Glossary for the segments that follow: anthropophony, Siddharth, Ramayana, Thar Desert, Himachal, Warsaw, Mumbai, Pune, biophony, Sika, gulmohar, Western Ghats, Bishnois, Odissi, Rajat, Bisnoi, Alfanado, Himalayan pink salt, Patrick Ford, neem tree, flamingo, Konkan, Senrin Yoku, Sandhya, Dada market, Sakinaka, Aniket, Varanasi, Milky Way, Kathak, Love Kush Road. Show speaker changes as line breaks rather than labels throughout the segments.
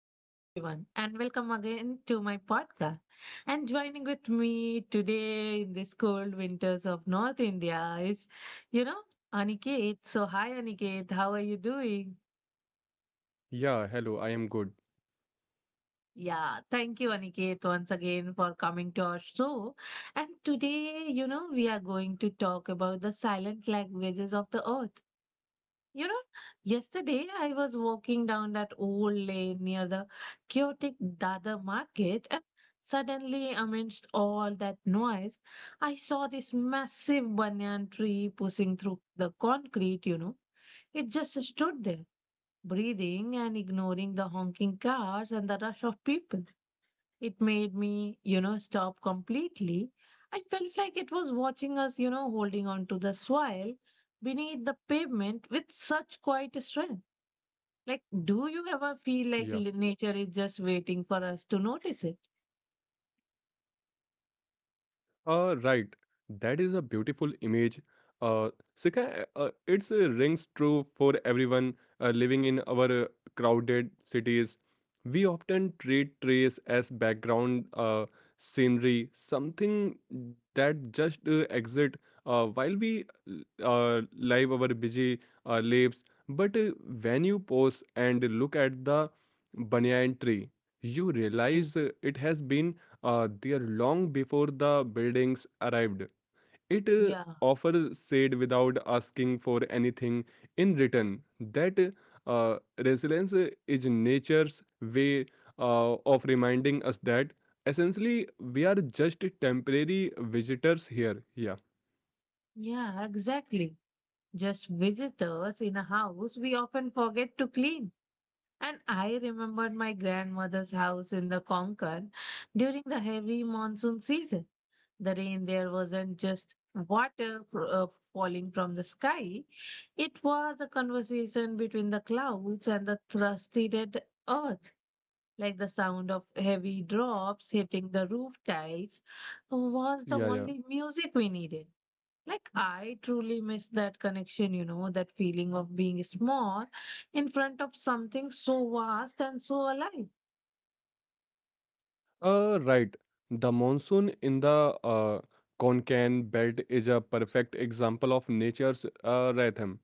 Hello, everyone, and welcome again to my podcast. And joining with me today in this cold winters of North India is, you know, Aniket. So, hi, Aniket, how are you doing?
Yeah, hello, I am good.
Yeah, thank you, Aniket, once again for coming to our show. And today, we are going to talk about the silent languages of the earth. You know, yesterday I was walking down that old lane near the chaotic Dada market, and suddenly, amidst all that noise, I saw this massive banyan tree pushing through the concrete. It just stood there breathing and ignoring the honking cars and the rush of people. It made me stop completely. I felt like it was watching us, holding on to the soil beneath the pavement with such quiet strength. Like, do you ever feel like
Yeah.
nature is just waiting for us to notice it?
Right. That is a beautiful image. Uh, Sika, it rings true for everyone living in our crowded cities. We often treat trees as background scenery, something that just exist while we live our busy lives. But when you pause and look at the banyan tree, you
Yeah,
realize it has been there long before the buildings arrived. It
yeah,
often said without asking for anything in return that resilience is nature's way of reminding us that essentially we are just temporary visitors here. Yeah,
yeah, exactly. Just visitors in a house, we often forget to clean. And I remembered my grandmother's house in the Konkan during the heavy monsoon season. The rain there wasn't just water falling from the sky, it was a conversation between the clouds and the thrusty earth. Like the sound of heavy drops hitting the roof tiles was the
yeah, yeah.
only music we needed. Like, I truly miss that connection, that feeling of being small in front of something so vast and so alive.
Right. The monsoon in the Konkan belt is a perfect example of nature's rhythm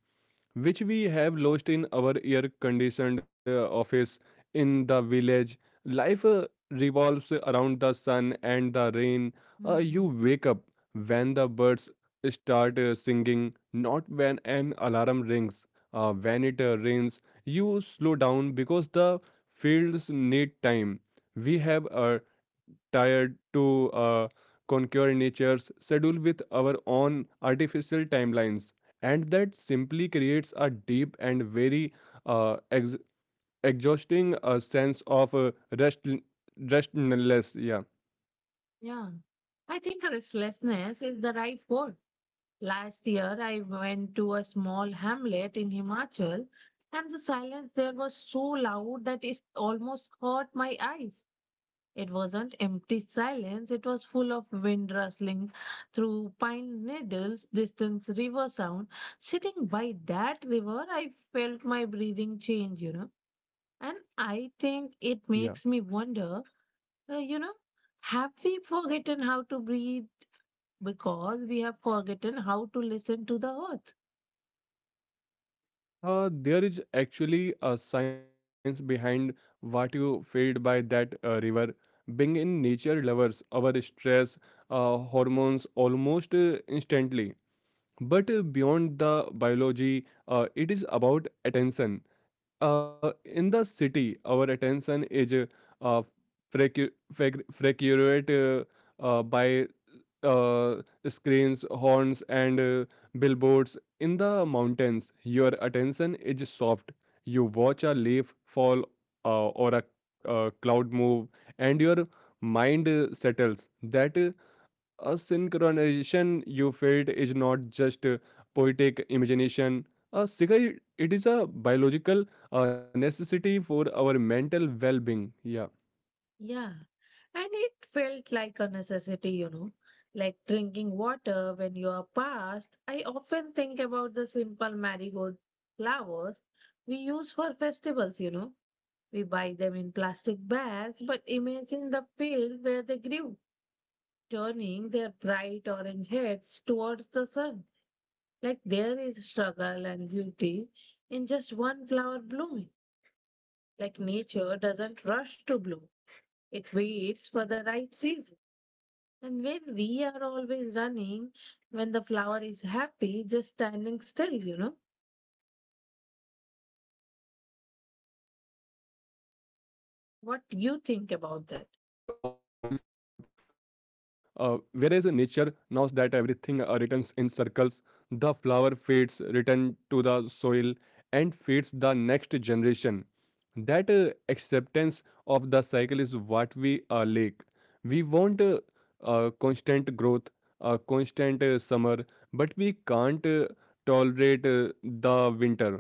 which we have lost in our air conditioned office in the village. Life revolves around the sun and the rain. You
Hmm.
wake up when the birds start singing, not when an alarm rings. When it rains, you slow down because the fields need time. We have tired to conquer nature's schedule with our own artificial timelines, and that simply creates a deep and very uh, ex- exhausting sense of rest restlessness. Yeah,
Yeah. I think restlessness is the right word. Last year, I went to a small hamlet in Himachal, and the silence there was so loud that it almost hurt my eyes. It wasn't empty silence, it was full of wind rustling through pine needles, distant river sound. Sitting by that river, I felt my breathing change. And I think
yeah.
it makes me wonder, uh, you know, have we forgotten how to breathe because we have forgotten how to listen to the earth?
There is actually a science behind what you feel by that river. Being in nature levels our stress hormones almost instantly, but beyond the biology, it is about attention. In the city, our attention is uh, frequented by uh, screens, horns, and billboards. In the mountains, your attention is soft. You watch a leaf fall or a cloud move, and your mind settles. That a synchronization you felt is not just a poetic imagination. A cigarette, it is a biological necessity for our mental well-being. Yeah,
Yeah, and it felt like a necessity, like drinking water when you are past. I often think about the simple marigold flowers we use for festivals. We buy them in plastic bags, but imagine the field where they grew, turning their bright orange heads towards the sun. Like there is struggle and beauty in just one flower blooming. Like nature doesn't rush to bloom, it waits for the right season. And when we are always running, when the flower is happy, just standing still,
yeah. We run because we are
what you
afraid
think
of
about that?
missing out. Whereas nature knows that everything returns in circles. The flower fades, return to the soil, and feeds the next generation. That acceptance of the cycle is what we lack. We want constant growth, constant summer, but we can't tolerate the winter.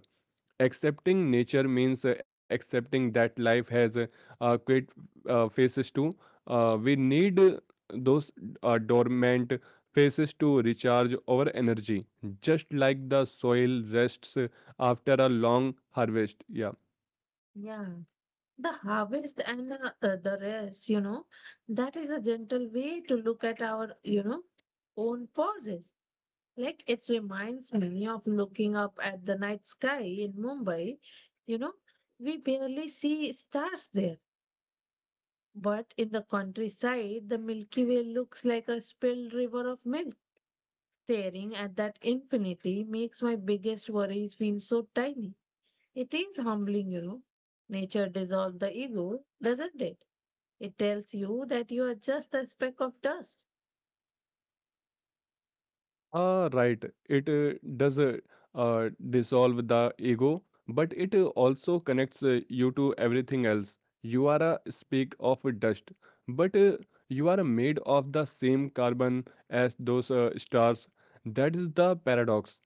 Accepting nature means accepting that life has quit phases too. We need those dormant phases to recharge our energy, just like the soil rests after a long harvest. Yeah.
Yeah. The harvest and the rest, that is a gentle way to look at our own pauses. Like it reminds me of looking up at the night sky in Mumbai, you know, we barely see stars there. But in the countryside, the Milky Way looks like a spilled river of magic. Staring at that infinity makes my biggest worries feel so tiny. It is humbling, you know. Nature dissolves the ego, doesn't it? It tells you that you are just a speck of dust.
Ah, right. It does dissolve the ego, but it also connects you to everything else. You are a speck of dust, but you are made of the same carbon as those stars. That is the paradox.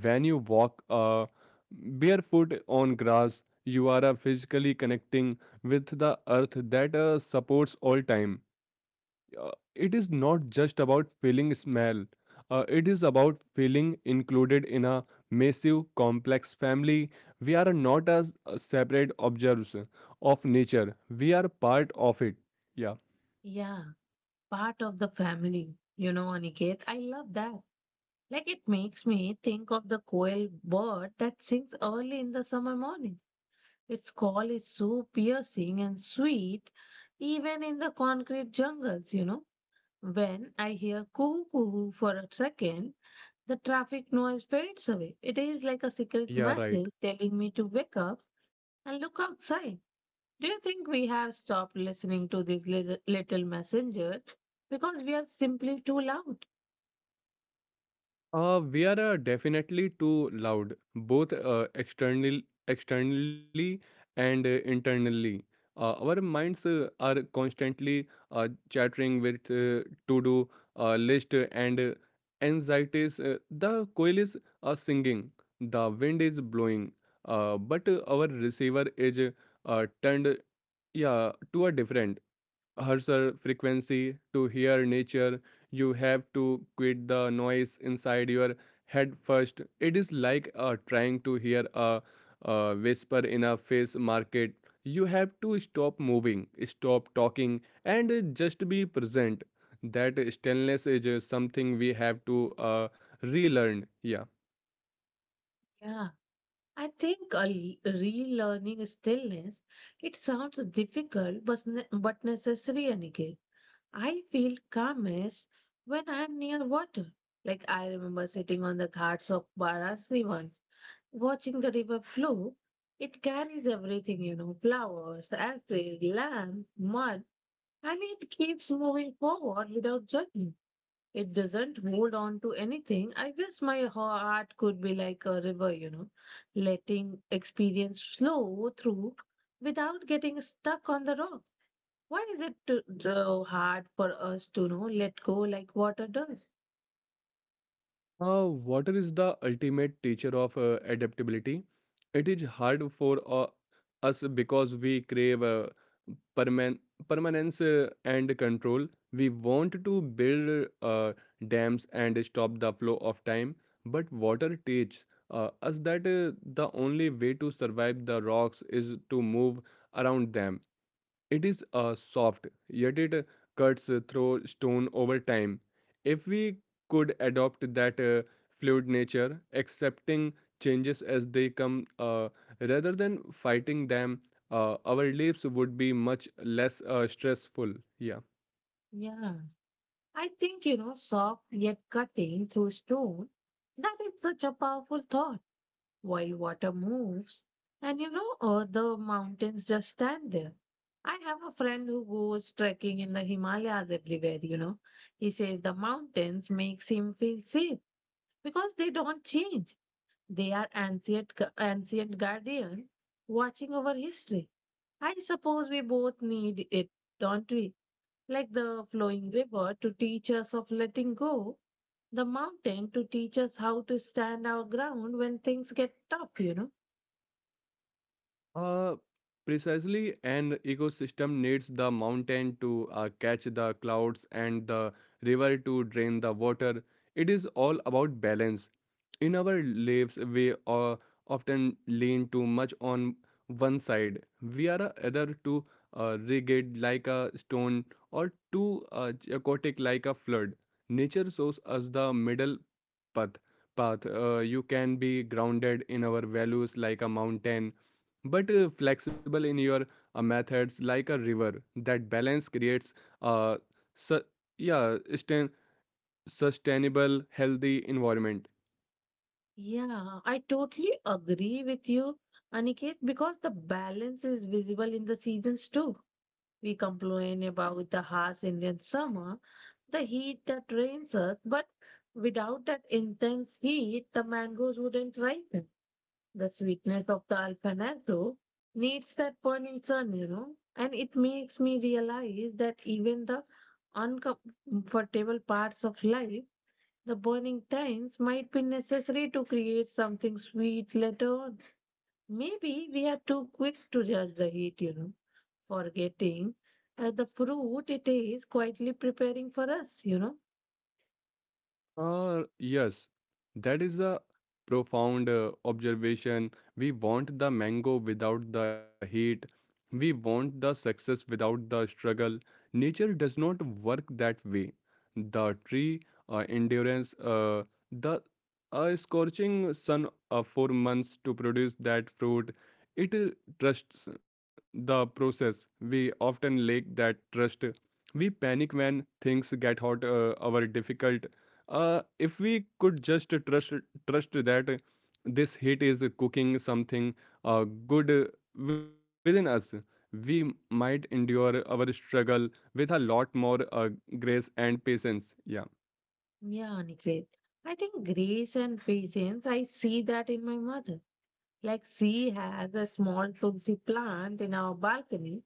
When you walk barefoot on grass, you are physically connecting with the earth that supports all time. It is not just about feeling smell. It is about feeling included in a massive, complex family. We are not as separate observers of nature. We are part of it. Yeah,
Yeah, part of the family. You know, Aniket, I love that. Like it makes me think of the coil bird that sings early in the summer morning. Its call is so piercing and sweet, even in the concrete jungles, you know. When I hear "coo coo" for a second, the traffic noise fades away. It is like a secret
yeah,
message
right.
telling me to wake up and look outside. Do you think we have stopped listening to these little messengers because we are simply too loud?
We are definitely too loud, both externally, and internally. Our minds are constantly uh, chattering with to-do list and anxieties. The coil is singing, the wind is blowing, but our receiver is turned, yeah, to a different harsher frequency. To hear nature, you have to quit the noise inside your head first. It is like trying to hear a whisper in a fish market. You have to stop moving, stop talking, and just be present. That stillness is something we have to relearn. Yeah.
Yeah. I think relearning stillness, it sounds difficult but necessary, Aniket. I feel calmest when I'm near water. Like I remember sitting on the ghats of Varanasi once, watching the river flow. It carries everything, you know, flowers, ashes, lamp, mud, and it keeps moving forward without judgment. It doesn't hold on to anything. I guess my heart could be like a river, letting experience flow through without getting stuck on the rock. Why is it so hard for us to you know let go like water does?
Water is the ultimate teacher of adaptability. It is hard for us because we crave perman- permanence and control. We want to build dams and stop the flow of time, but water teaches us that the only way to survive the rocks is to move around them. It is soft, yet it cuts through stone over time. If we could adopt that fluid nature, accepting changes as they come rather than fighting them, our lives would be much less stressful. Yeah.
Yeah, I think you know, soft yet cutting through stone. That is such a powerful thought. While water moves and the mountains just stand there, I have a friend who goes trekking in the Himalayas everywhere, you know, he says the mountains makes him feel safe because they don't change. They are ancient guardian watching over history. I suppose we both need it, don't we, like the flowing river to teach us of letting go, the mountain to teach us how to stand our ground when things get tough, you know.
Uh, Precisely, an ecosystem needs the mountain to catch the clouds and the river to drain the water. It is all about balance. In our lives, we often lean too much on one side. We are either too rigid like a stone, or too chaotic like a flood. Nature shows us the middle path path. You can be grounded in our values like a mountain, but flexible in your methods like a river. That balance creates a su- yeah, sustainable healthy environment.
Yeah, I totally agree with you, Aniket, because the balance is visible in the seasons too. We complain about the harsh Indian summer, the heat that rains us, but without that intense heat, the mangoes wouldn't ripen. The sweetness of the Alfanado needs that burning sun, you know, and it makes me realize that even the uncomfortable parts of life, the burning times might be necessary to create something sweet later on. Maybe we are too quick to judge the heat, you know, forgetting the fruit it is quietly preparing for us, you know.
Yes, that is a profound observation. We want the mango without the heat. We want the success without the struggle. Nature does not work that way. The tree, endurance, the scorching sun for months to produce that fruit. It trusts the process. We often lack that trust. We panic when things get hot or difficult. If we could just trust that this heat is cooking something good within us, we might endure our struggle with a lot more grace and patience. Yeah.
Yeah, Aniket. I think grace and patience, I see that in my mother. Like she has a small tulsi plant in our balcony.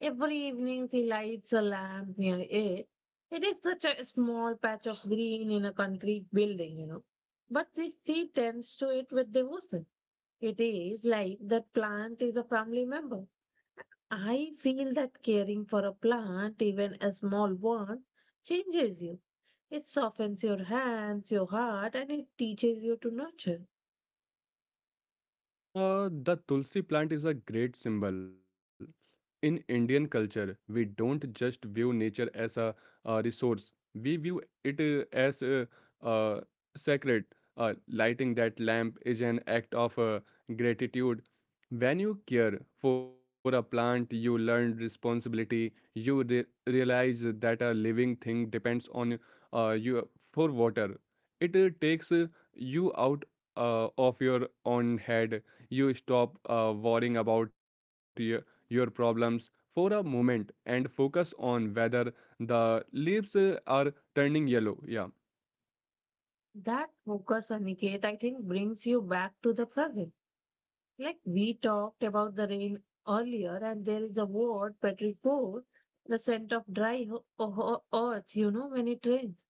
Every evening she lights a lamp near it. It is such a small patch of green in a concrete building, you know. But this she tends to it with devotion. It is like that plant is a family member. I feel that caring for a plant, even a small one, changes you. It softens your hands, your heart, and it teaches you to nurture.
The Tulsi plant is a great symbol. In Indian culture, we don't just view nature as a resource; we view it as uh, sacred. Uh, Lighting that lamp is an act of gratitude. When you care for a plant, you learn responsibility. You realize that a living thing depends on you for water. It takes you out of your own head. You stop worrying about your problems for a moment and focus on whether the leaves are turning yellow. Yeah.
That focus, Aniket, I think brings you back to the present. Like we talked about the rain earlier, and there is a word, Patrick Ford, the scent of dry earth, you know, when it rains.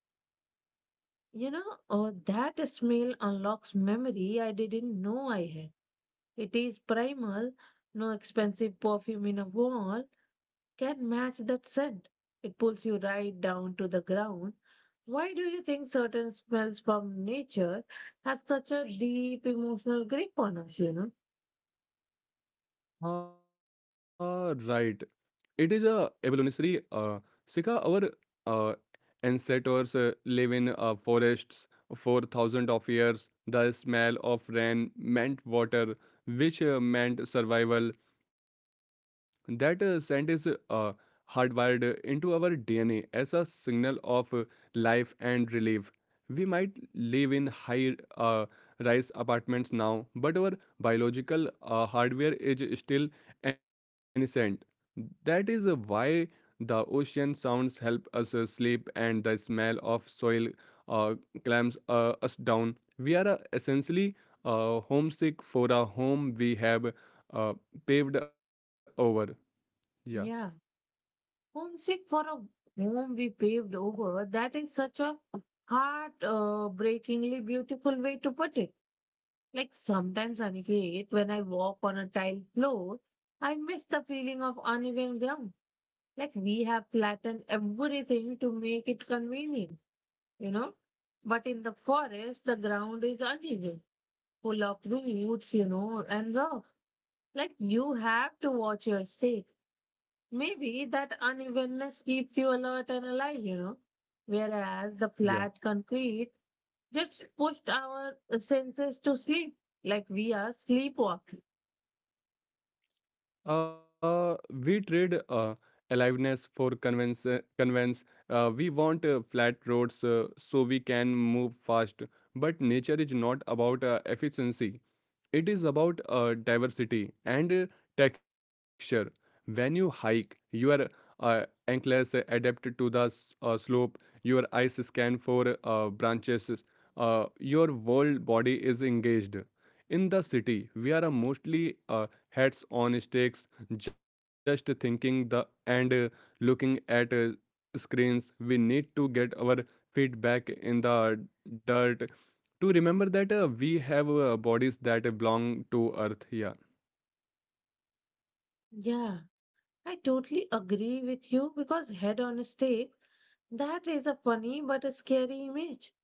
You know, oh, that smell unlocks memory I didn't know I had. It is primal, no expensive perfume in a wall can match that scent. It pulls you right down to the ground. Why do you think certain smells from nature have such a deep emotional grip on us, you know?
Ah, right. It is a evolutionary. Sika, our uh, ancestors live in forests for thousands of years. The smell of rain meant water, which meant survival. That scent is hardwired into our DNA as a signal of life and relief. We might live in high rise apartments now, but our biological hardware is still innocent. That is why the ocean sounds help us sleep and the smell of soil uh, clamps us down. We are essentially homesick for a home we have uh, paved over. Yeah,
Yeah. Homesick for a home we paved over, that is such a heart- breakingly beautiful way to put it. Like sometimes, Aniket, when I walk on a tiled floor, I miss the feeling of uneven ground. Like we have flattened everything to make it convenient, you know. But in the forest, the ground is uneven, full of roots, you know, and rocks. Like you have to watch your step. Maybe that unevenness keeps you alert and alive, you know. Whereas the
yeah.
flat concrete just pushed our senses to sleep, like we are sleepwalking.
We trade aliveness for convenience. We want flat roads so we can move fast. But nature is not about efficiency. It is about diversity and texture. When you hike, your uh, ankles adapt to the slope. Your eyes scan for branches. Your whole body is engaged. In the city, we are mostly heads on sticks, just thinking the and looking at screens. We need to get our feet back in the dirt to remember that we have bodies that belong to earth. Yeah.
Yeah, I totally agree with you because head on a stake, that is a funny but a scary image.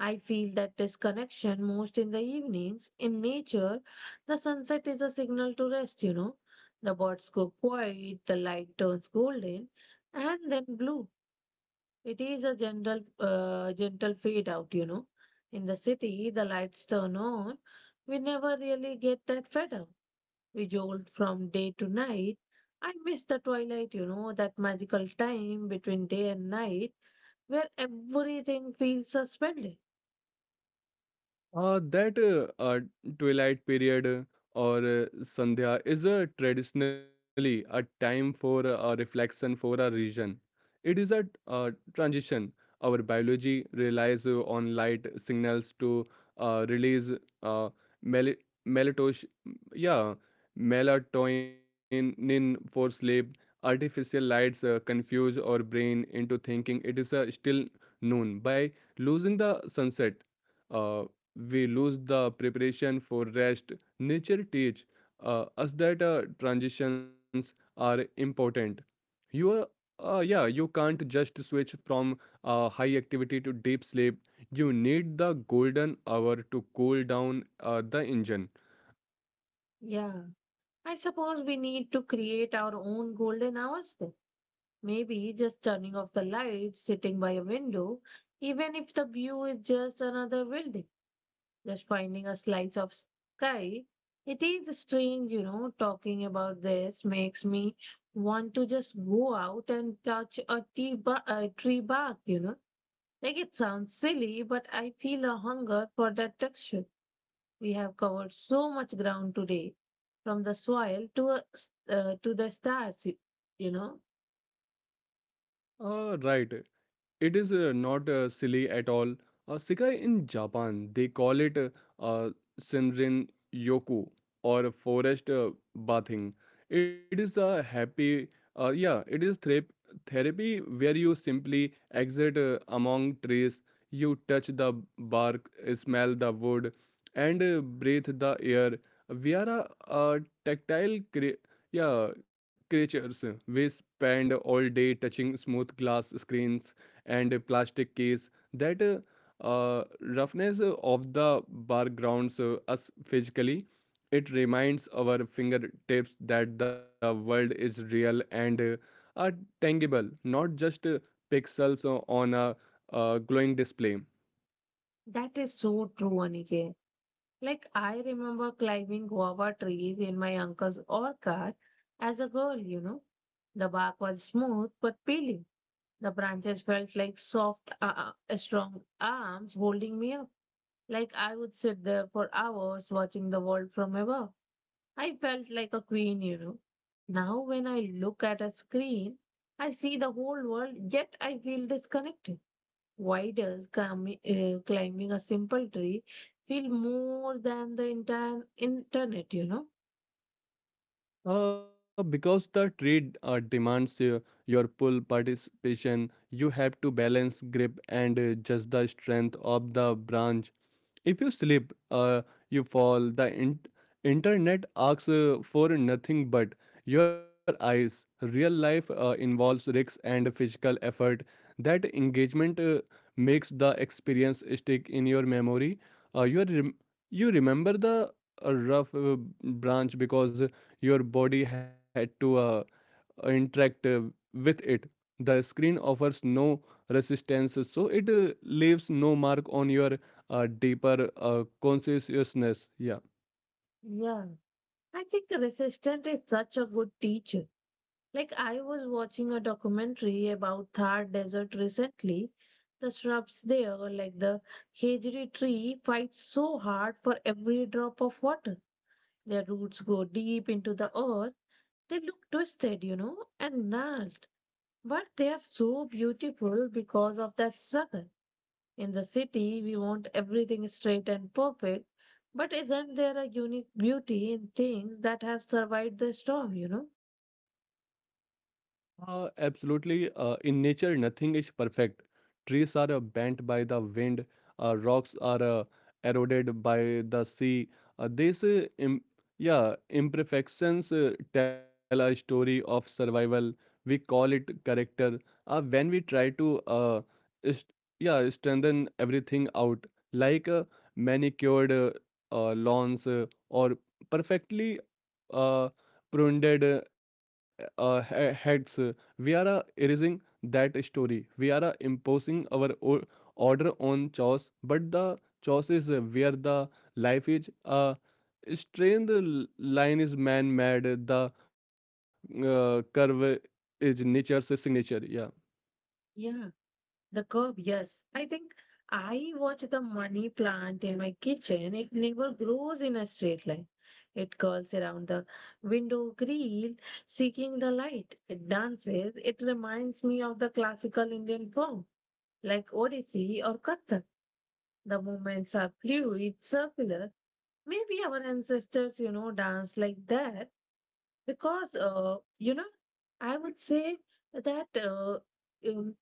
I feel that disconnection most in the evenings. In nature, the sunset is a signal to rest, you know. The birds go quiet, the light turns golden and then blue. It is a gentle fade out, you know. In the city, the lights turn on. We never really get that fed up. We jolt from day to night. I miss the twilight, you know, that magical time between day and night where everything feels suspended.
That twilight period or Sandhya is traditionally a time for a reflection for a region. It is a transition. Our biology relies on light signals to release uh, mel- melatonin, yeah, melatonin for sleep. Artificial lights confuse our brain into thinking it is still noon. By losing the sunset, Uh, we lose the preparation for rest. Nature teach us that transitions are important. You yeah, you can't just switch from high activity to deep sleep. You need the golden hour to cool down the engine.
Yeah. I suppose we need to create our own golden hours then. Maybe just turning off the lights, sitting by a window, even if the view is just another building, just finding a slice of sky. It is strange, you know, talking about this makes me want to just go out and touch a a tree bark, you know. Like it sounds silly, but I feel a hunger for that texture. We have covered so much ground today, from the soil to to the stars, you know.
Right. It is not silly at all. Sikai in Japan, they call it uh, Senrin Yoku, or forest bathing. It is a happy, yeah, it is therapy, where you simply exit among trees, you touch the bark, smell the wood, and breathe the air. We are tactile yeah, creatures. We spend all day touching smooth glass screens and plastic case. That roughness of the backgrounds us physically. It reminds our fingertips that the world is real and are tangible, not just pixels on a glowing display.
That is so true, Aniket. Like I remember climbing guava trees in my uncle's orchard as a girl. You know, the bark was smooth but peeling. The branches felt like soft, strong arms holding me up. Like I would sit there for hours watching the world from above. I felt like a queen, you know. Now, when I look at a screen, I see the whole world, yet I feel disconnected. Why does climbing a simple tree feel more than the entire internet, you know?
Because the trade demands your full participation, you have to balance grip and judge the strength of the branch. If you slip, you fall. The internet asks for nothing but your eyes. Real life involves risks and physical effort. That engagement makes the experience stick in your memory. Uh, you, are rem- you remember the rough branch because your body had to interact with it. The screen offers no resistance, so it leaves no mark on your deeper consciousness. Yeah,
Yeah. I think resistance is such a good teacher. Like, I was watching a documentary about Thar Desert recently. The shrubs there, like the Hejri tree, fight so hard for every drop of water. Their roots go deep into the earth. They look twisted, you know, and gnarled. But they are so beautiful because of that struggle. In the city, we want everything straight and perfect. But isn't there a unique beauty in things that have survived the storm, you know?
absolutely. In nature, nothing is perfect. Trees are bent by the wind, rocks are eroded by the sea. These imperfections tell a story of survival. We call it character. When we try to, st- yeah, strengthen everything out, like manicured lawns or perfectly uh, pruned heads. We are erasing that story. We are imposing our order on chores, but the chores is where the life is. Strained line is man-made. The curve is nature's signature. Yeah.
Yeah. The curb, yes. I watch the money plant in my kitchen. It never grows in a straight line. It curls around the window grill, seeking the light. It dances. It reminds me of the classical Indian form like Odissi or Kathak. The movements are fluid, circular. Maybe our ancestors, you know, danced like that because, you know, I would say that um,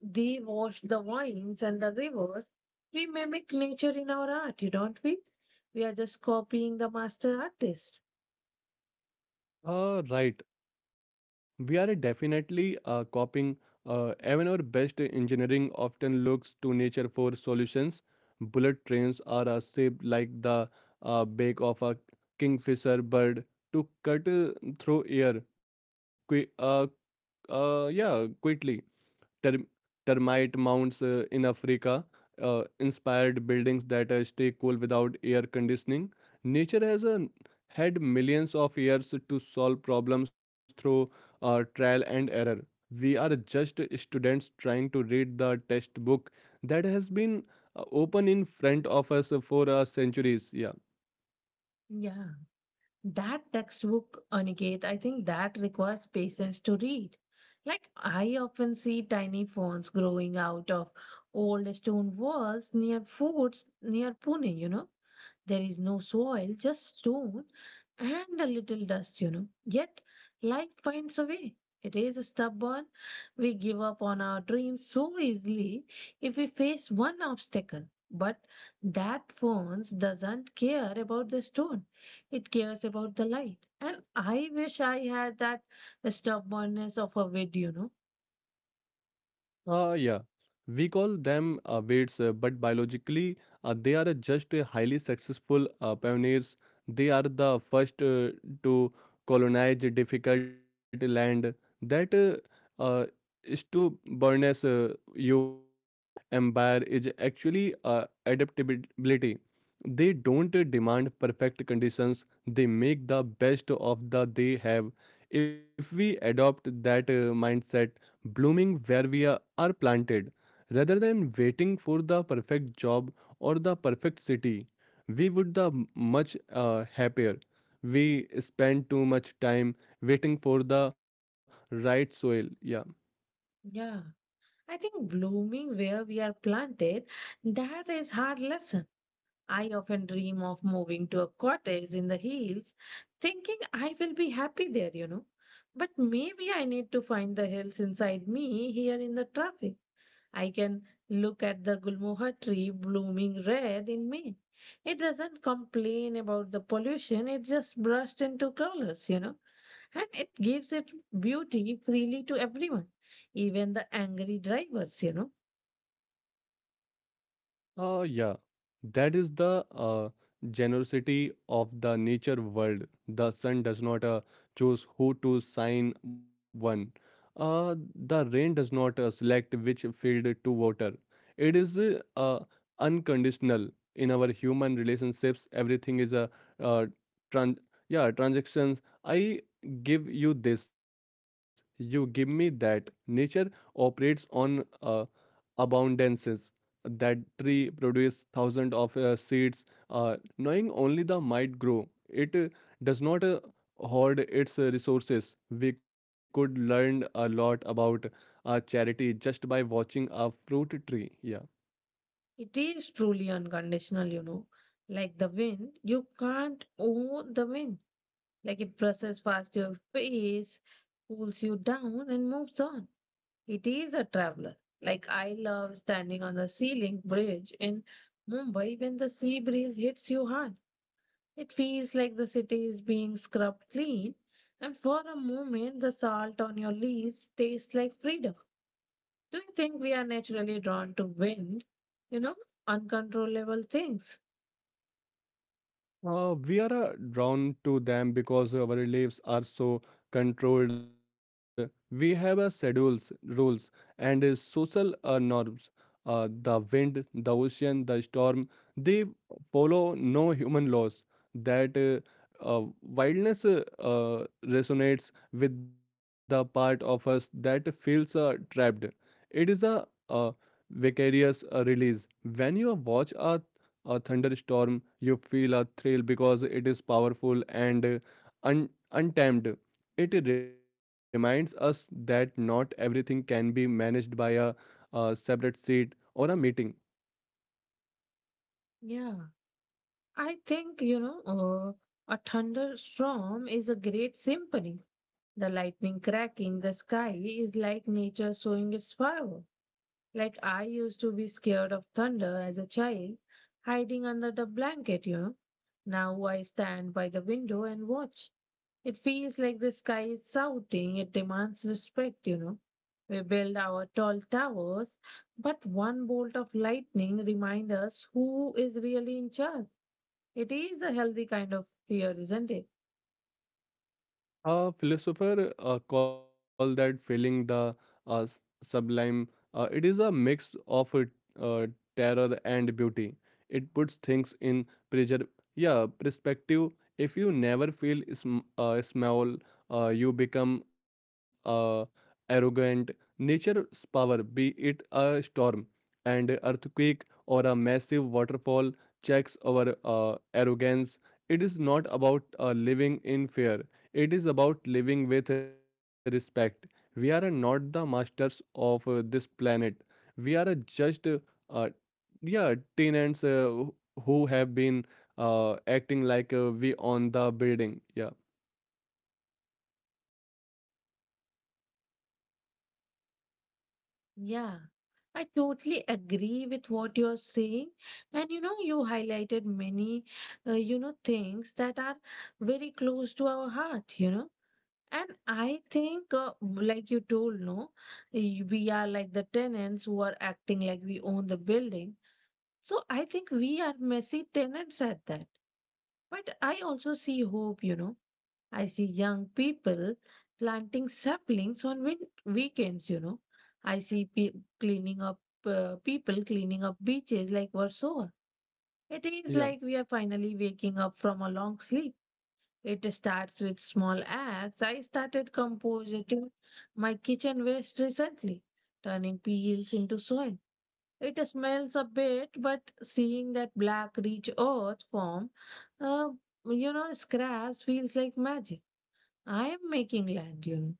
they wash the vines and the rivers. We mimic nature in our art, don't we? We are just copying the master artist.
Right. We are definitely copying. Even our best engineering often looks to nature for solutions. Bullet trains are shaped like the beak of a kingfisher bird to cut through air. Qui- uh, yeah, quickly. ter- Termite mounds in Africa, inspired buildings that stay cool without air conditioning. Nature has had millions of years to solve problems through trial and error. We are just students trying to read the textbook that has been open in front of us for centuries. Yeah.
Yeah. That textbook, Aniket, I think that requires patience to read. Like, I often see tiny ferns growing out of old stone walls near forts near Pune, you know. There is no soil, just stone and a little dust, you know. Yet life finds a way. It is stubborn. We give up on our dreams so easily if we face one obstacle. But that fence doesn't care about the stone. It cares about the light. And I wish I had that stubbornness of a weed, you know.
Uh, yeah, we call them weights, but biologically, they are just highly successful pioneers. They are the first to colonize difficult land. That stubbornness you empire is actually adaptability. They don't demand perfect conditions. They make the best of the they have. If we adopt that mindset, blooming where we are planted. Rather than waiting for the perfect job or the perfect city, we would the much happier. We spend too much time waiting for the right soil. Yeah.
Yeah. I think blooming where we are planted, that is hard lesson. I often dream of moving to a cottage in the hills, thinking I will be happy there, you know. But maybe I need to find the hills inside me here in the traffic. I can look at the gulmohar tree blooming red in May. It doesn't complain about the pollution, it just brushed into colors, you know. And it gives it beauty freely to everyone, even the angry drivers, you know.
Uh, yeah, that is the generosity of the nature world. The sun does not choose who to sign one. The rain does not select which field to water. It is unconditional. In our human relationships, everything is a uh, trans- yeah transactions. I give you this, you give me that. Nature operates on abundances. That tree produces thousands of seeds, knowing only the might grow. It does not hoard its resources. We could learn a lot about charity just by watching a fruit tree. Yeah.
It is truly unconditional, you know. Like the wind, you can't own the wind. Like it presses past your face, cools you down, and moves on. It is a traveler. Like I love standing on the ceiling bridge in Mumbai when the sea breeze hits you hard. It feels like the city is being scrubbed clean, and for a moment, the salt on your leaves tastes like freedom. Do you think we are naturally drawn to wind? You know, uncontrollable things.
We are drawn to them because our lives are so controlled. We have schedules, rules, and social norms. The wind, the ocean, the storm, they follow no human laws. That wildness resonates with the part of us that feels trapped. It is a, uh vicarious release. When you watch a thunderstorm, you feel a thrill because it is powerful and untamed. It reminds us that not everything can be managed by a separate seat or a meeting.
Yeah, I think, a thunderstorm is a great symphony. The lightning cracking the sky is like nature showing its power. Like I used to be scared of thunder as a child, hiding under the blanket, you know. Now I stand by the window and watch. It feels like the sky is shouting, it demands respect, you know. We build our tall towers, but one bolt of lightning reminds us who is really in charge. It is a healthy kind of fear, isn't it?
A philosopher call that feeling the uh, s- sublime. It is a mix of uh, terror and beauty. It puts things in preser- yeah, perspective. If you never feel small, you become arrogant. Nature's power, be it a storm and earthquake or a massive waterfall, checks our arrogance. It is not about living in fear, it is about living with respect. We are not the masters of this planet. We are just, uh, yeah, tenants who have been acting like we own the building. Yeah,
Yeah. I totally agree with what you're saying. And you know, you highlighted many, things that are very close to our heart, you know. And I think, like you told, no, we are like the tenants who are acting like we own the building. So I think we are messy tenants at that. But I also see hope, you know. I see young people planting saplings on weekends, you know. I see pe- cleaning up People cleaning up beaches like Warsaw. It is
yeah.
like we are finally waking up from a long sleep. It starts with small acts. I started composting my kitchen waste recently, turning peels into soil. It smells a bit, but seeing that black rich earth form, uh, you know, scraps feels like magic. I am making land, you know.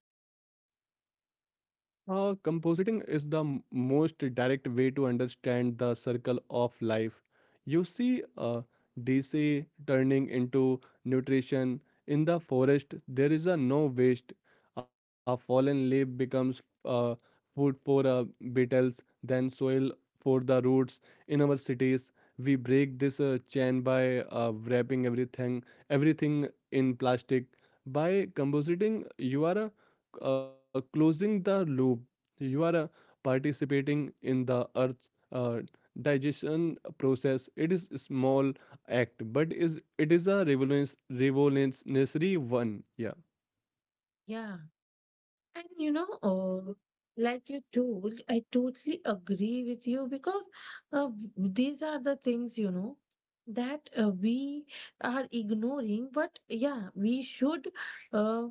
Compositing is the most direct way to understand the circle of life. You see DC turning into nutrition. In the forest, there is a no waste. A fallen leaf becomes food for beetles, then soil for the roots. In our cities, we break this chain by wrapping everything, everything in plastic. By compositing, you are a closing the loop. You are participating in the earth's uh, digestion process. It is a small act, but is it is a revolutionary one. Yeah.
Yeah. And you know, like you told, I totally agree with you because these are the things, you know, that we are ignoring. But yeah, uh,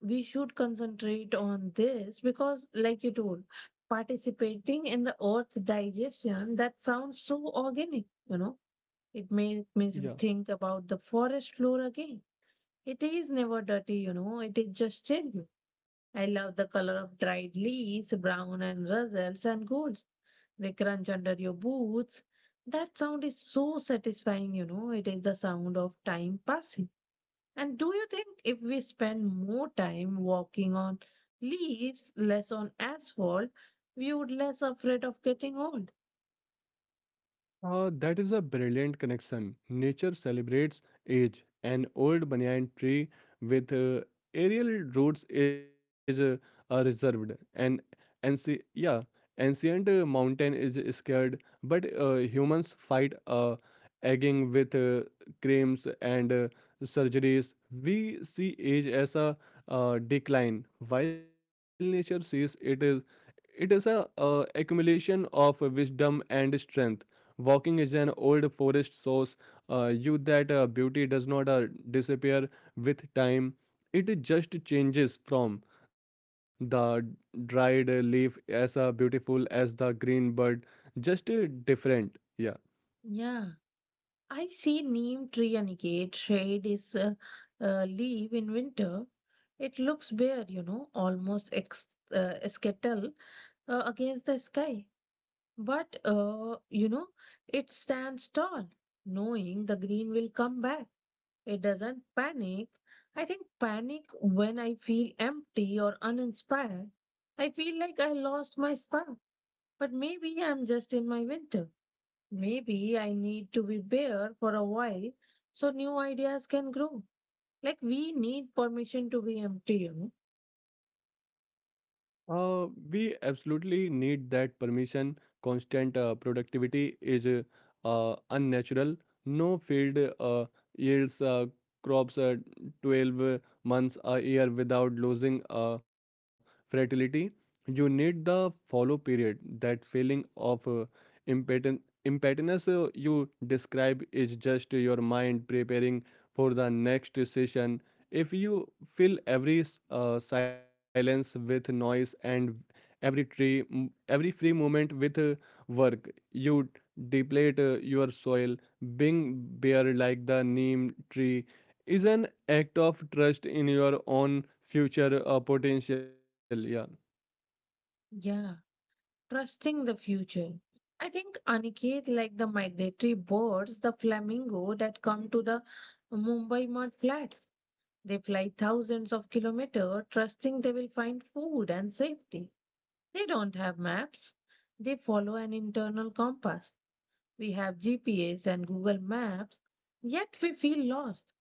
we should concentrate on this because like you told participating in the earth digestion, that sounds so organic, you know. It makes you
Yeah.
think about the forest floor again. It is never dirty, you know, it is just changing. I love the color of dried leaves, brown and russels and golds. They crunch under your boots. That sound is so satisfying, you know. It is the sound of time passing. And do you think if we spend more time walking on leaves, less on asphalt, we would less afraid of getting old?
That is a brilliant connection. Nature celebrates age. An old banyan tree with aerial roots is reserved. An anci- yeah, ancient mountain is scared, but humans fight aging with creams and surgeries. We see age as a decline, while nature sees it is a accumulation of wisdom and strength. Walking is an old forest source. You that beauty does not disappear with time. It just changes from the dried leaf as beautiful as the green bird, just different. Yeah.
Yeah, I see neem tree Aniket shade is a leaf in winter. It looks bare, you know, almost skittle against the sky. But, you know, it stands tall, knowing the green will come back. It doesn't panic. I think panic when I feel empty or uninspired. I feel like I lost my spark. But maybe I'm just in my winter. Maybe I need to be bare for a while so new ideas can grow. Like we need permission to be empty, you know?
Uh, we absolutely need that permission. Constant productivity is unnatural. No field yields crops 12 months a year without losing fertility. You need the follow period. That feeling of impetin- impetus you describe is just your mind preparing for the next session. If you fill every silence with noise and every every free moment with work, you deplete your soil. Being bare like the neem tree is an act of trust in your own future potential. Yeah.
Yeah. Trusting the future. I think Aniket, like the migratory birds, the flamingo that come to the Mumbai mud flats, they fly thousands of kilometers, trusting they will find food and safety. They don't have maps. They follow an internal compass. We have GPS and Google Maps, yet we feel lost.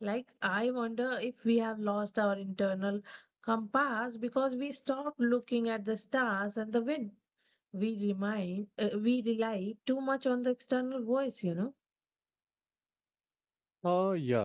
Like, I wonder if we have lost our internal compass because we stopped looking at the stars and the wind. We rely too much on the external voice, you know.
Uh, yeah.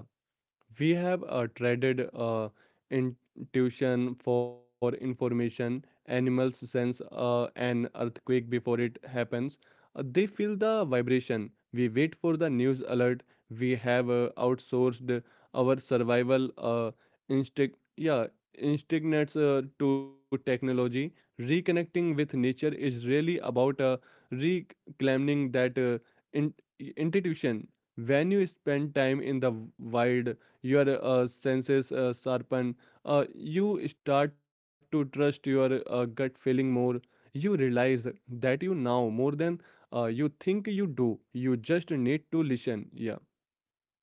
We have traded intuition for information. Animals sense an earthquake before it happens. They feel the vibration. We wait for the news alert. We have outsourced our survival instinct. Yeah, instincts to technology. Reconnecting with nature is really about reclaiming that in- institution. When you spend time in the wild, your senses sharpen. Uh, you start to trust your gut feeling more. You realize that you know more than you think you do. You just need to listen. Yeah.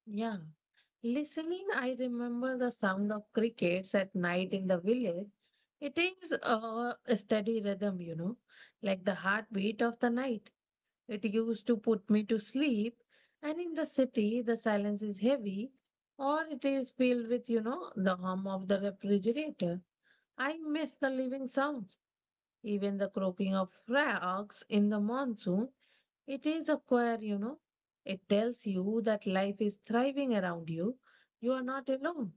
Yeah, listening. I remember the sound of crickets at night in the village. It is a steady rhythm, you know, like the heartbeat of the night. It used to put me to sleep. And in the city the silence is heavy, or it is filled with, you know, the hum of the refrigerator. I miss the living sounds, even the croaking of frogs in the monsoon. It is a choir, you know. It tells you that life is thriving around you. You are not alone.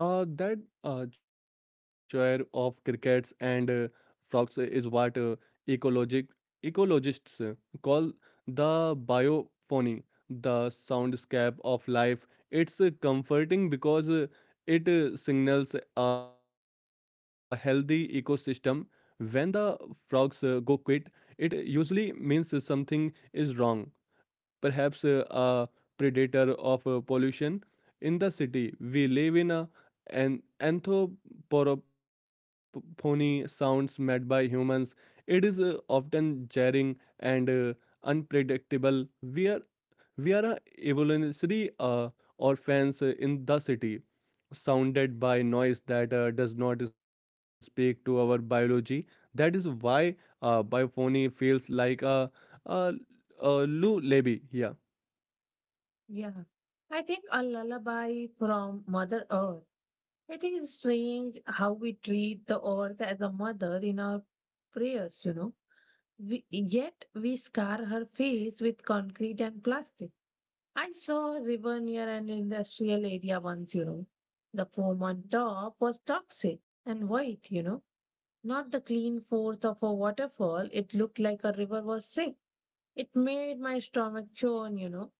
That choir of crickets and frogs is what ecologic ecologists call the biophony, the soundscape of life. It's comforting because it signals a healthy ecosystem. When the frogs go quiet, it usually means something is wrong, perhaps a predator of pollution. In the city, we live in an anthropophony sounds made by humans. It is often jarring and unpredictable. We are a evolutionary orphans in the city, sounded by noise that does not speak to our biology. That is why biophony feels like a, a lullaby. Yeah.
Yeah. I think a lullaby from Mother Earth. I think it's strange how we treat the earth as a mother in our prayers, you know. We, yet we scar her face with concrete and plastic. I saw a river near an industrial area once, you know. The foam on top was toxic and white, you know. Not the clean force of a waterfall. It looked like a river was sick. It made my stomach churn, you know.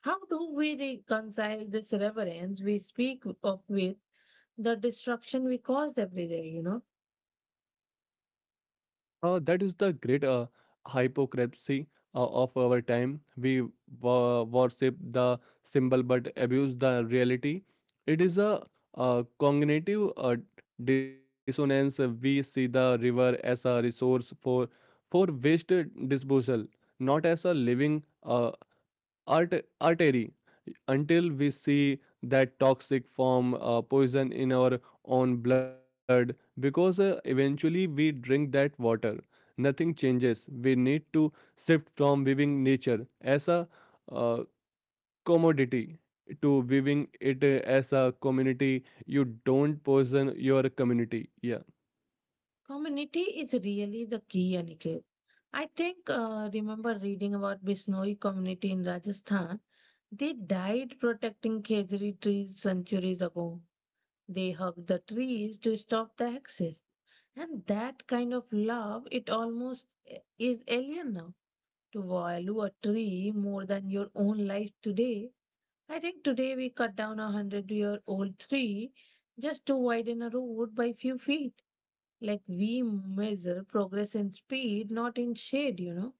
How do we reconcile this reverence we speak of with the destruction we cause every day, you know?
That is the great hypocrisy of our time. We worship the symbol but abuse the reality. It is a, cognitive dissonance. We see the river as a resource for waste disposal, not as a living art artery. Until we see that toxic form poison in our own blood, because eventually we drink that water, nothing changes. We need to shift from viewing nature as a uh, commodity to viewing it as a community. You don't poison your community. Yeah.
Community is really the key, Aniket. I think, remember reading about Bisnoi community in Rajasthan. They died protecting Khejri trees centuries ago. They hugged the trees to stop the axis. And that kind of love, it almost eh, is alien now. To value a tree more than your own life today. I think today we cut down a hundred-year-old tree just to widen a road by few feet. Like we measure progress in speed, not in shade, you know.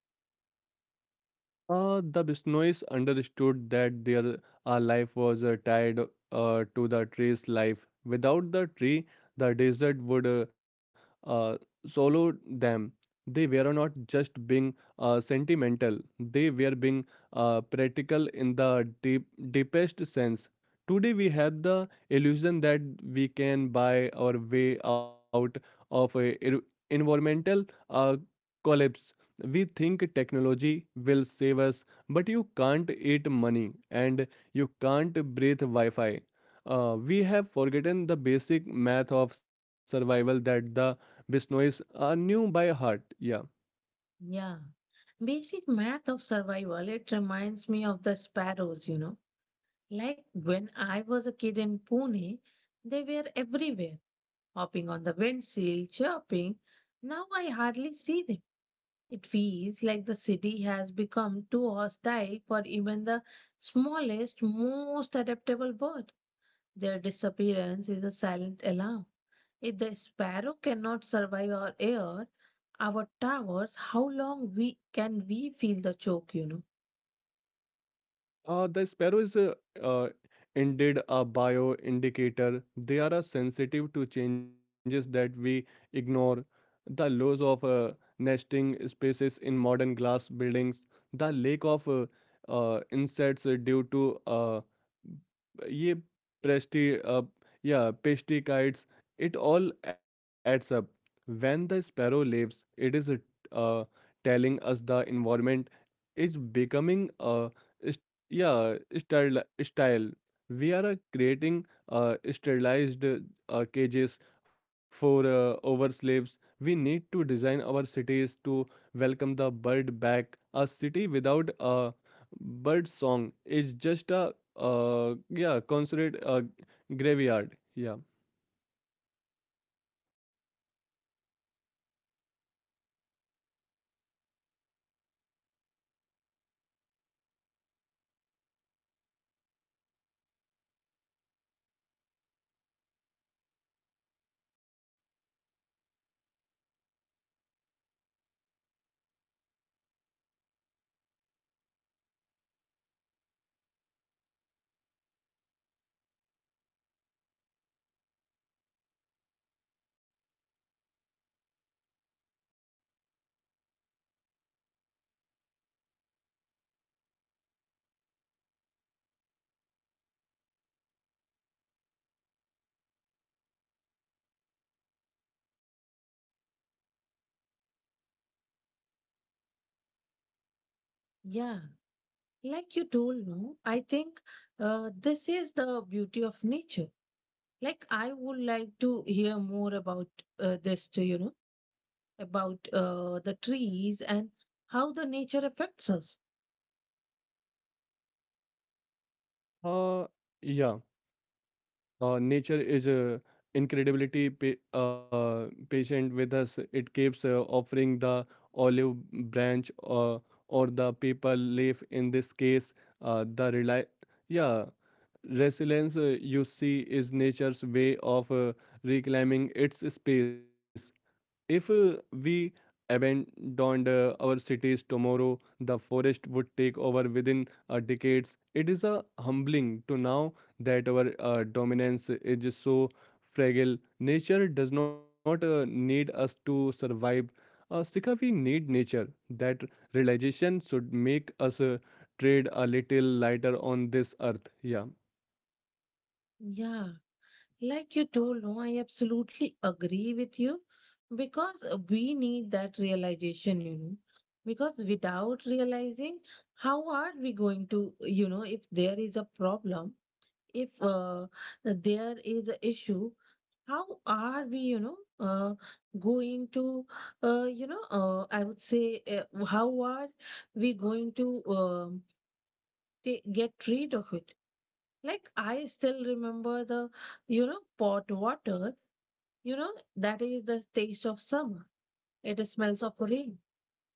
The Bisnois understood that their life was tied to the tree's life. Without the tree, the desert would uh, swallow them. They were not just being sentimental, they were being practical in the deep, deepest sense. Today, we have the illusion that we can buy our way out of a environmental uh, collapse. We think technology will save us, but you can't eat money and you can't breathe Wi Fi. We have forgotten the basic math of survival that the Bisnois knew by heart. Yeah.
Yeah. Basic math of survival, it reminds me of the sparrows, you know. Like when I was a kid in Pune, they were everywhere hopping on the windsill, chirping. Now I hardly see them. It feels like the city has become too hostile for even the smallest, most adaptable bird. Their disappearance is a silent alarm. If the sparrow cannot survive our air, our towers, how long we can we feel the choke, you know?
The sparrow is uh, indeed a bioindicator. They are sensitive to changes that we ignore. The loss of nesting spaces in modern glass buildings, the lack of insects due to ye presti yeah pesticides, it all adds up. When the sparrow leaves, it is uh, telling us the environment is becoming a is- yeah style, style we are creating sterilized cages for over slaves. We need to design our cities to welcome the bird back. A city without a bird song is just a yeah concert graveyard. Yeah.
Yeah, like you told, no, I think this is the beauty of nature. Like I would like to hear more about this too, you know, about the trees and how the nature affects us.
uh, yeah Nature is incredibility patient with us. It keeps offering the olive branch or the paper leaf. In this case, the yeah, resilience you see is nature's way of reclaiming its space. If we abandoned our cities tomorrow, the forest would take over within decades. It is a humbling to now that our dominance is so fragile. Nature does not need us to survive. Sika, we need nature. That realization should make us trade a little lighter on this earth. Yeah,
Yeah, like you told, no, I absolutely agree with you because we need that realization, you know. Because without realizing, how are we going to, you know, if there is a problem, if there is an issue, how are we, you know, uh, going to you know I would say how are we going to um, get rid of it? Like I still remember the, you know, pot water, you know. That is the taste of summer. It smells of rain.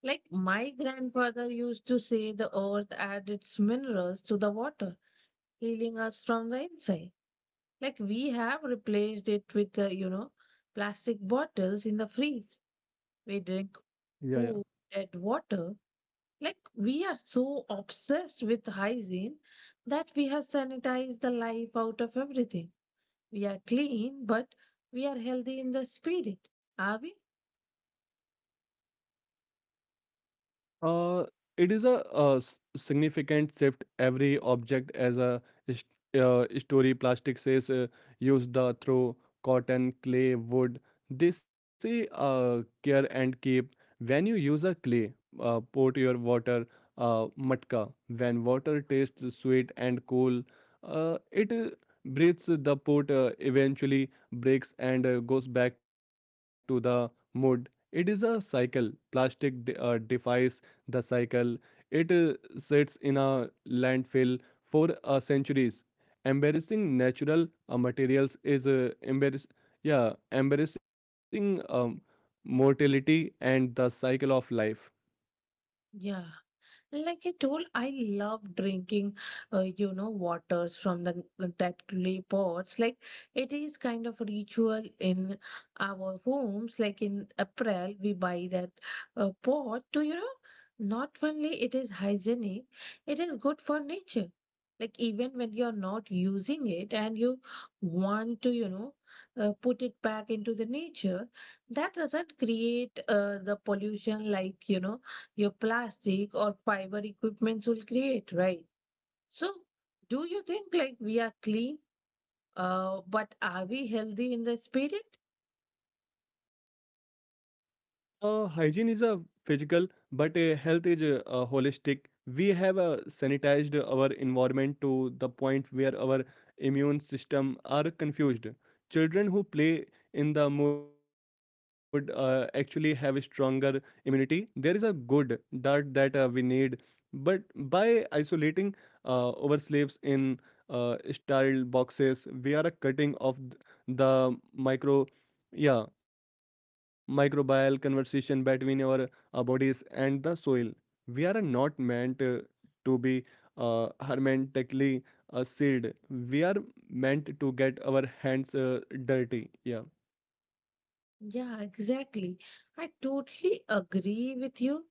Like my grandfather used to say the earth adds its minerals to the water, healing us from the inside. Like we have replaced it with, you know, plastic bottles in the freeze. We drink
yeah, yeah.
cool, dead water. Like we are so obsessed with hygiene that we have sanitized the life out of everything. We are clean, but we are healthy in the spirit. Are we?
Uh, it is a, significant shift. Every object as a story. Plastic says used the through cotton, clay, wood. They say care and keep. When you use a clay, put your water matka. When water tastes sweet and cool, it breathes the pot. Eventually breaks and goes back to the mud. It is a cycle. Plastic defies the cycle. It sits in a landfill for centuries. Embarrassing natural materials is embarrassing mortality and the cycle of life.
Yeah. Like I told, I love drinking, you know, waters from the that clay pots. Like it is kind of a ritual in our homes. Like in April, we buy that pot to, you know, not only it is hygienic, it is good for nature. Like even when you're not using it and you want to, you know, put it back into the nature, that doesn't create the pollution like, you know, your plastic or fiber equipments will create, right? So, do you think like we are clean, but are we healthy in the spirit?
Hygiene is a physical, but health is holistic. We have sanitized our environment to the point where our immune system are confused. Children who play in the mud actually have a stronger immunity. There is a good dirt that we need, but by isolating our slaves in sterile boxes, we are cutting off the microbial conversation between our bodies and the soil. We are not meant to be hermetically sealed. We are meant to get our hands dirty. Yeah.
Yeah, exactly. I totally agree with you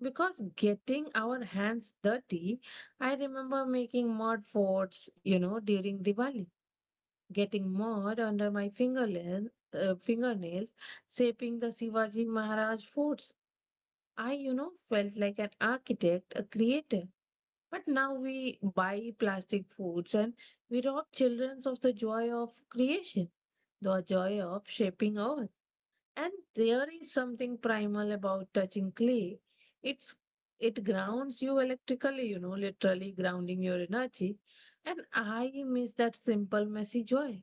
because getting our hands dirty, I remember making mud forts, you know, during Diwali, getting mud under my fingernails, shaping the Shivaji Maharaj forts. I, you know, felt like an architect, a creator. But now we buy plastic foods and we rob children of the joy of creation, the joy of shaping earth. And there is something primal about touching clay. It's it grounds you electrically, you know, literally grounding your energy. And I miss that simple messy joy.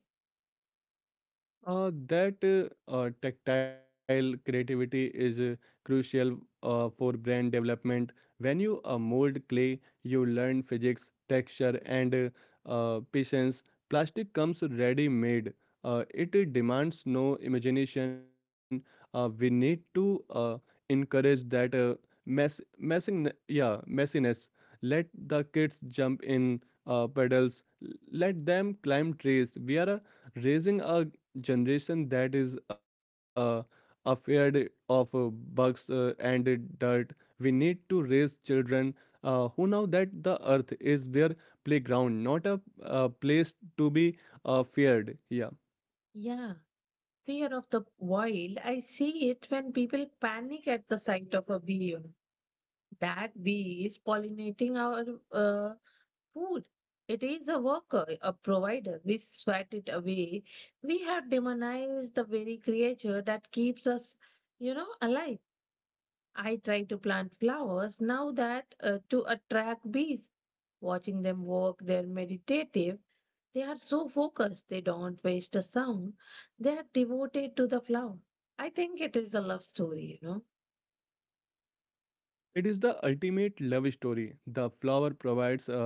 That tactile creativity is crucial for brand development. When you mold clay, you learn physics, texture, and patience. Plastic comes ready made. It demands no imagination. We need to encourage that messiness. Let the kids jump in pedals. Let them climb trees. We are raising a generation that is afraid of bugs and dirt. We need to raise children who know that the earth is their playground, not a place to be feared. Yeah.
Yeah. Fear of the wild, I see it when people panic at the sight of a bee, you know that bee is pollinating our uh, food. It is a worker, a provider. We sweat it away. We have demonized the very creature that keeps us, you know, alive. I try to plant flowers now that to attract bees. Watching them walk, they're meditative. They are so focused, they don't waste a sound. They are devoted to the flower. I think it is a love story, you know.
It is the ultimate love story. The flower provides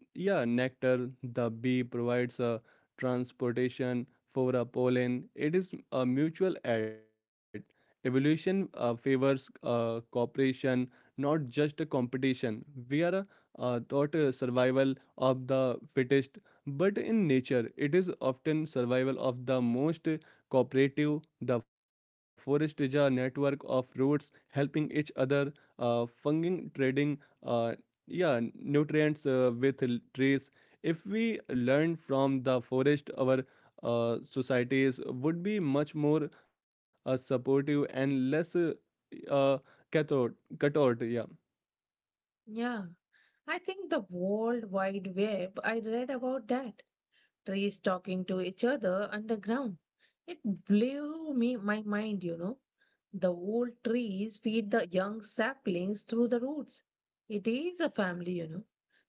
Yeah, nectar, the bee provides a transportation for a pollen. It is a mutual aid. Evolution favors cooperation, not just a competition. We are taught survival of the fittest, but in nature, it is often survival of the most cooperative. The forest is a network of roots helping each other, funging, trading, nutrients with trees. If we learn from the forest, our societies would be much more supportive and less uh, cathode, cathode. Yeah.
Yeah. I think the World Wide Web, I read about that. Trees talking to each other underground. It blew me my mind, you know. The old trees feed the young saplings through the roots. It is a family, you know.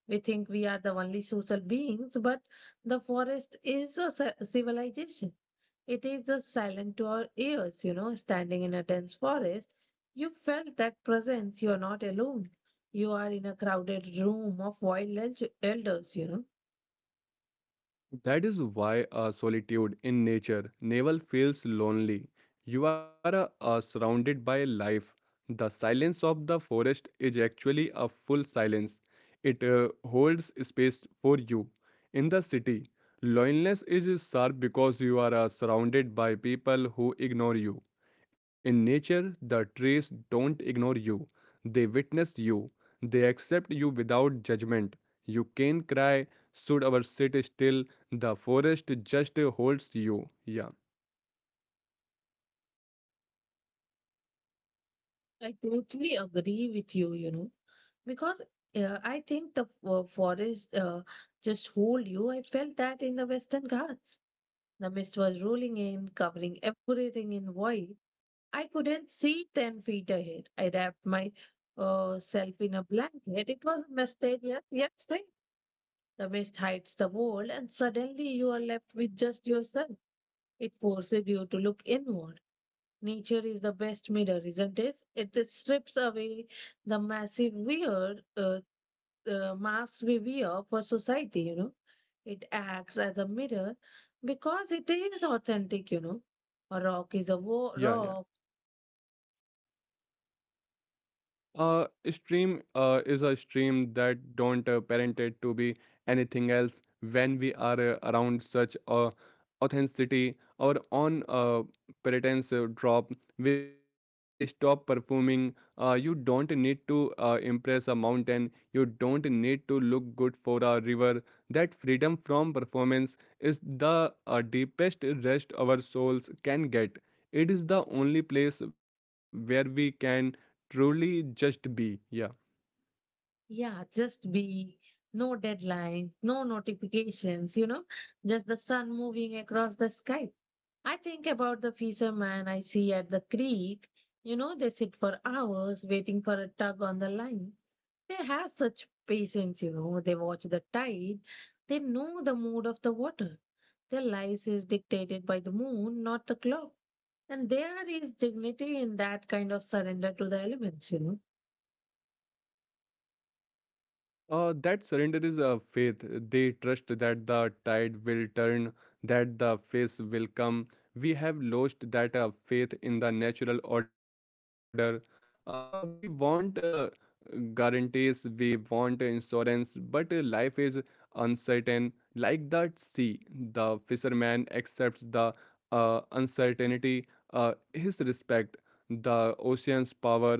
We think we are the only social beings, but the forest is a civilization. It is a silent to our ears, you know, standing in a dense forest. You felt that presence, you are not alone. You are in a crowded room of wild elders, you know.
That is why solitude in nature never feels lonely. You are surrounded by life. The silence of the forest is actually a full silence. It holds space for you. In the city, loneliness is sharp because you are surrounded by people who ignore you. In nature, the trees don't ignore you, they witness you, they accept you without judgment. You can cry, should our sit still? The forest just holds you. Yeah,
I totally agree with you, you know, because I think the forest just hold you. I felt that in the Western Ghats. The mist was rolling in, covering everything in white. I couldn't see 10 feet ahead. I wrapped my self in a blanket. It was mysterious. Mistake, yet, yet, the mist hides the world, and suddenly you are left with just yourself. It forces you to look inward. Nature is the best mirror, isn't it? It just strips away the massive weird, mass we wear for society, you know. It acts as a mirror because it is authentic, you know. A rock is a
yeah.
rock.
Stream is a stream that don't parent it to be anything else when we are around such authenticity or on pretense drop, we stop performing. You don't need to impress a mountain, you don't need to look good for a river. That freedom from performance is the deepest rest our souls can get. It is the only place where we can truly just be. Yeah.
Yeah, just be. No deadlines, no notifications, you know, just the sun moving across the sky. I think about the fisherman I see at the creek. You know, they sit for hours waiting for a tug on the line. They have such patience, you know. They watch the tide. They know the mood of the water. Their lives is dictated by the moon, not the clock. And there is dignity in that kind of surrender to the elements, you know.
That surrender is a faith. They trust that the tide will turn, that the face will come. We have lost that faith in the natural order. We want guarantees, we want insurance, but life is uncertain. Like that sea, the fisherman accepts the uncertainty, his respect, the ocean's power.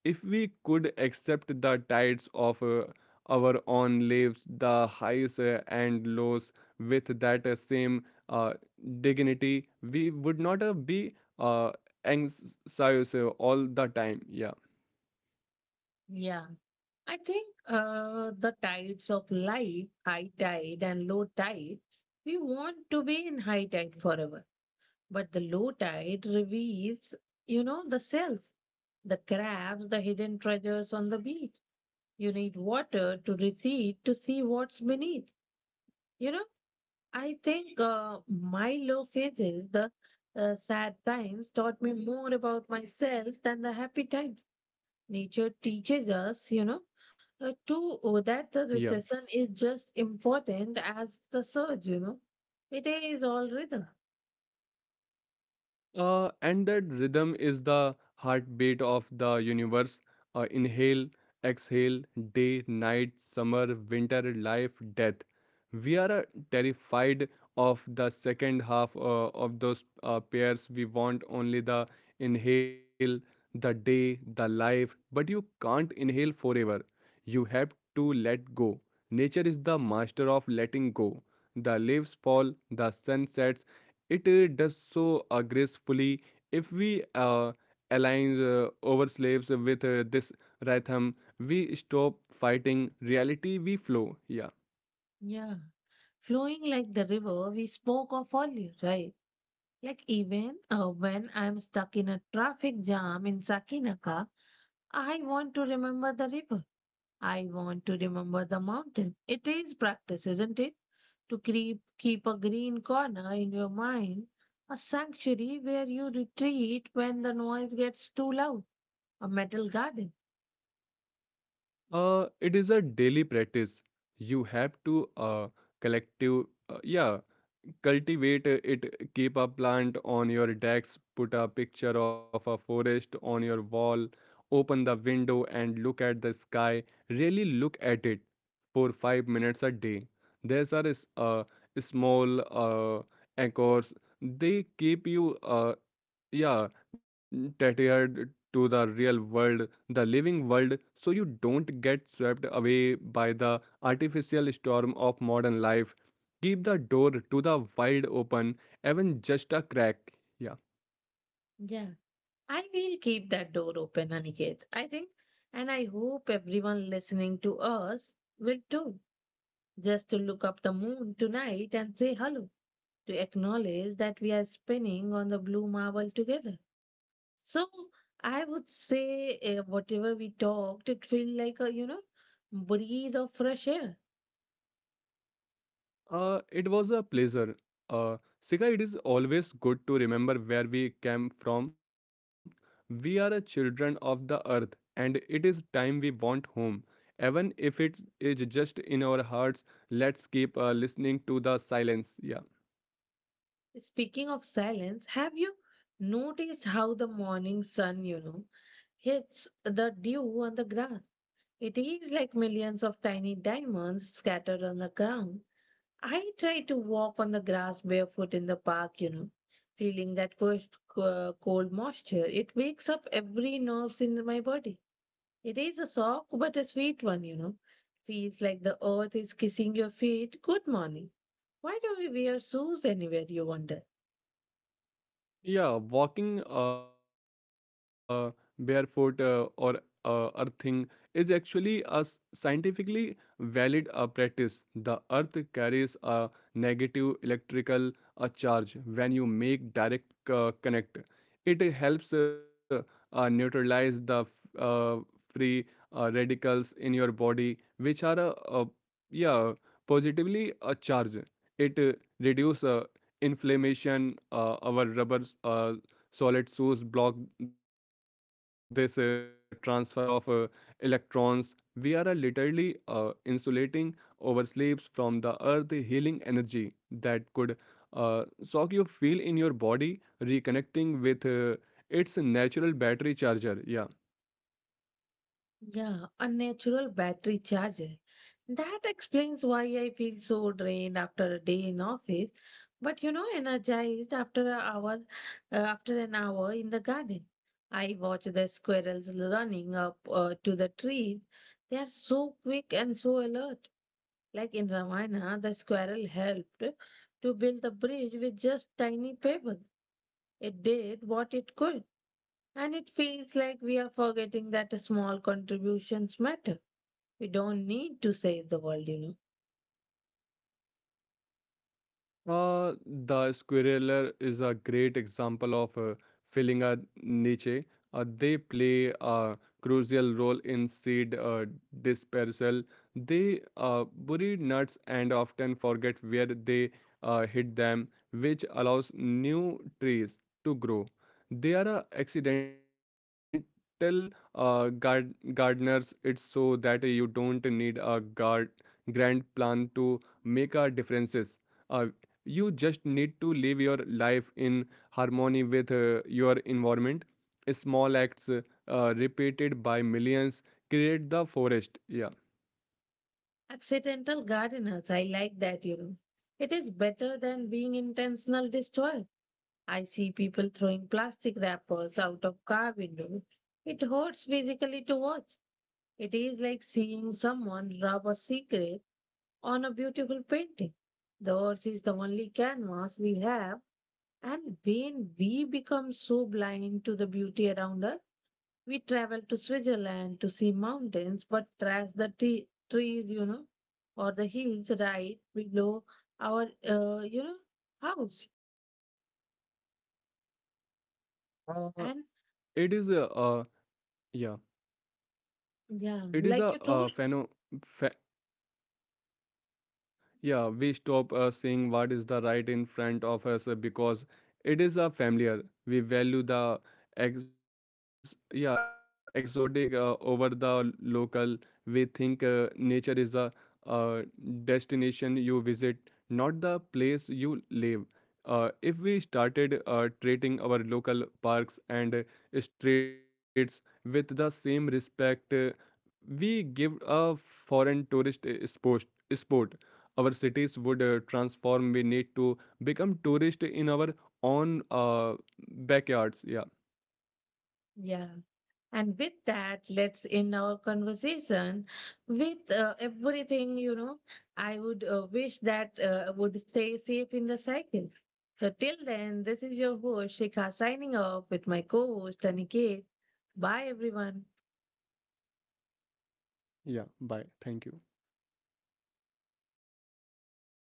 If we could accept the tides of our own lives, the highs and lows, with that same uh, dignity, we would not be anxious all the time. Yeah,
Yeah. I think the tides of life, high tide and low tide, we want to be in high tide forever. But the low tide reveals, you know, the cells, the crabs, the hidden treasures on the beach. You need water to recede to see what's beneath. You know, I think my low phases, the sad times, taught me more about myself than the happy times. Nature teaches us, you know, that the
yeah.
recession is just important as the surge. You know, it is all rhythm.
And that rhythm is the heartbeat of the universe. Inhale, exhale, day, night, summer, winter, life, death. We are terrified of the second half of those pairs. We want only the inhale, the day, the life, but you can't inhale forever. You have to let go. Nature is the master of letting go. The leaves fall, the sun sets, it does so gracefully. If we align our slaves with this rhythm, we stop fighting reality, we flow. Yeah.
Yeah. Flowing like the river we spoke of earlier, right? Like even when I'm stuck in a traffic jam in Sakinaka, I want to remember the river. I want to remember the mountain. It is practice, isn't it? To keep a green corner in your mind, a sanctuary where you retreat when the noise gets too loud, a metal garden.
It is a daily practice. You have to collective, uh, yeah, cultivate it. Keep a plant on your desk. Put a picture of a forest on your wall. Open the window and look at the sky. Really look at it for 5 minutes a day. These are small anchors. They keep you yeah tethered to the real world, the living world, so you don't get swept away by the artificial storm of modern life. Keep the door to the wide open, even just a crack. Yeah.
Yeah. I will keep that door open, Aniket. I think, and I hope everyone listening to us will too, just to look up the moon tonight and say hello, to acknowledge that we are spinning on the blue marble together. So I would say, eh, whatever we talked, it felt like a, you know, breeze of fresh air.
It was a pleasure. Sika, it is always good to remember where we came from. We are a children of the earth, and it is time we want home. Even if it is just in our hearts, let's keep listening to the silence. Yeah.
Speaking of silence, have you noticed how the morning sun, you know, hits the dew on the grass? It is like millions of tiny diamonds scattered on the ground. I try to walk on the grass barefoot in the park, you know, feeling that first cold moisture. It wakes up every nerves in my body. It is a shock, but a sweet one, you know. Feels like the earth is kissing your feet. Good morning. Why do we wear shoes anywhere, you wonder?
Yeah, walking barefoot or earthing is actually a scientifically valid practice. The earth carries a negative electrical charge when you make direct connect. It helps neutralize the free radicals in your body, which are yeah positively charged. It reduces inflammation. Our rubber uh, solid shoes block this transfer of electrons. We are literally insulating our sleeves from the earth healing energy that could shock. You feel in your body reconnecting with its natural battery charger. Yeah.
Yeah, a natural battery charger. That explains why I feel so drained after a day in office, but you know, energized after an hour, after an hour in the garden. I watch the squirrels running up to the trees. They are so quick and so alert. Like in Ramayana, the squirrel helped to build the bridge with just tiny pebbles. It did what it could, and it feels like we are forgetting that small contributions matter. We don't need to save the world, you know.
Uh, the squirreler is a great example of filling a niche. They play a crucial role in seed dispersal. They bury nuts and often forget where they hid them, which allows new trees to grow. They are a accidental gardeners. It's so that you don't need a grand plan to make a differences. Uh, you just need to live your life in harmony with your environment. Small acts repeated by millions create the forest. Yeah.
Accidental gardeners, I like that, you know. It is better than being intentional destroyer. I see people throwing plastic wrappers out of car window. It hurts physically to watch. It is like seeing someone rub a secret on a beautiful painting. The earth is the only canvas we have, and when we become so blind to the beauty around us, we traveled to Switzerland to see mountains, but trust the trees, you know, or the hills right below our, you know, house.
uh,
And
it is a uh, yeah
yeah,
it is
like
a
you told,
we stop seeing what is the right in front of us because it is a familiar. We value the ex yeah exotic over the local. We think nature is the uh, destination you visit, not the place you live. If we started treating our local parks and streets with the same respect we give a foreign tourist sport, our cities would transform. We need to become tourist in our own backyards. Yeah.
yeah. And with that, let's end our conversation with everything, you know. I would wish that would stay safe in the cycle. So till then, this is your host Shikha signing off with my co-host Aniket. Bye everyone.
Yeah, bye, thank you.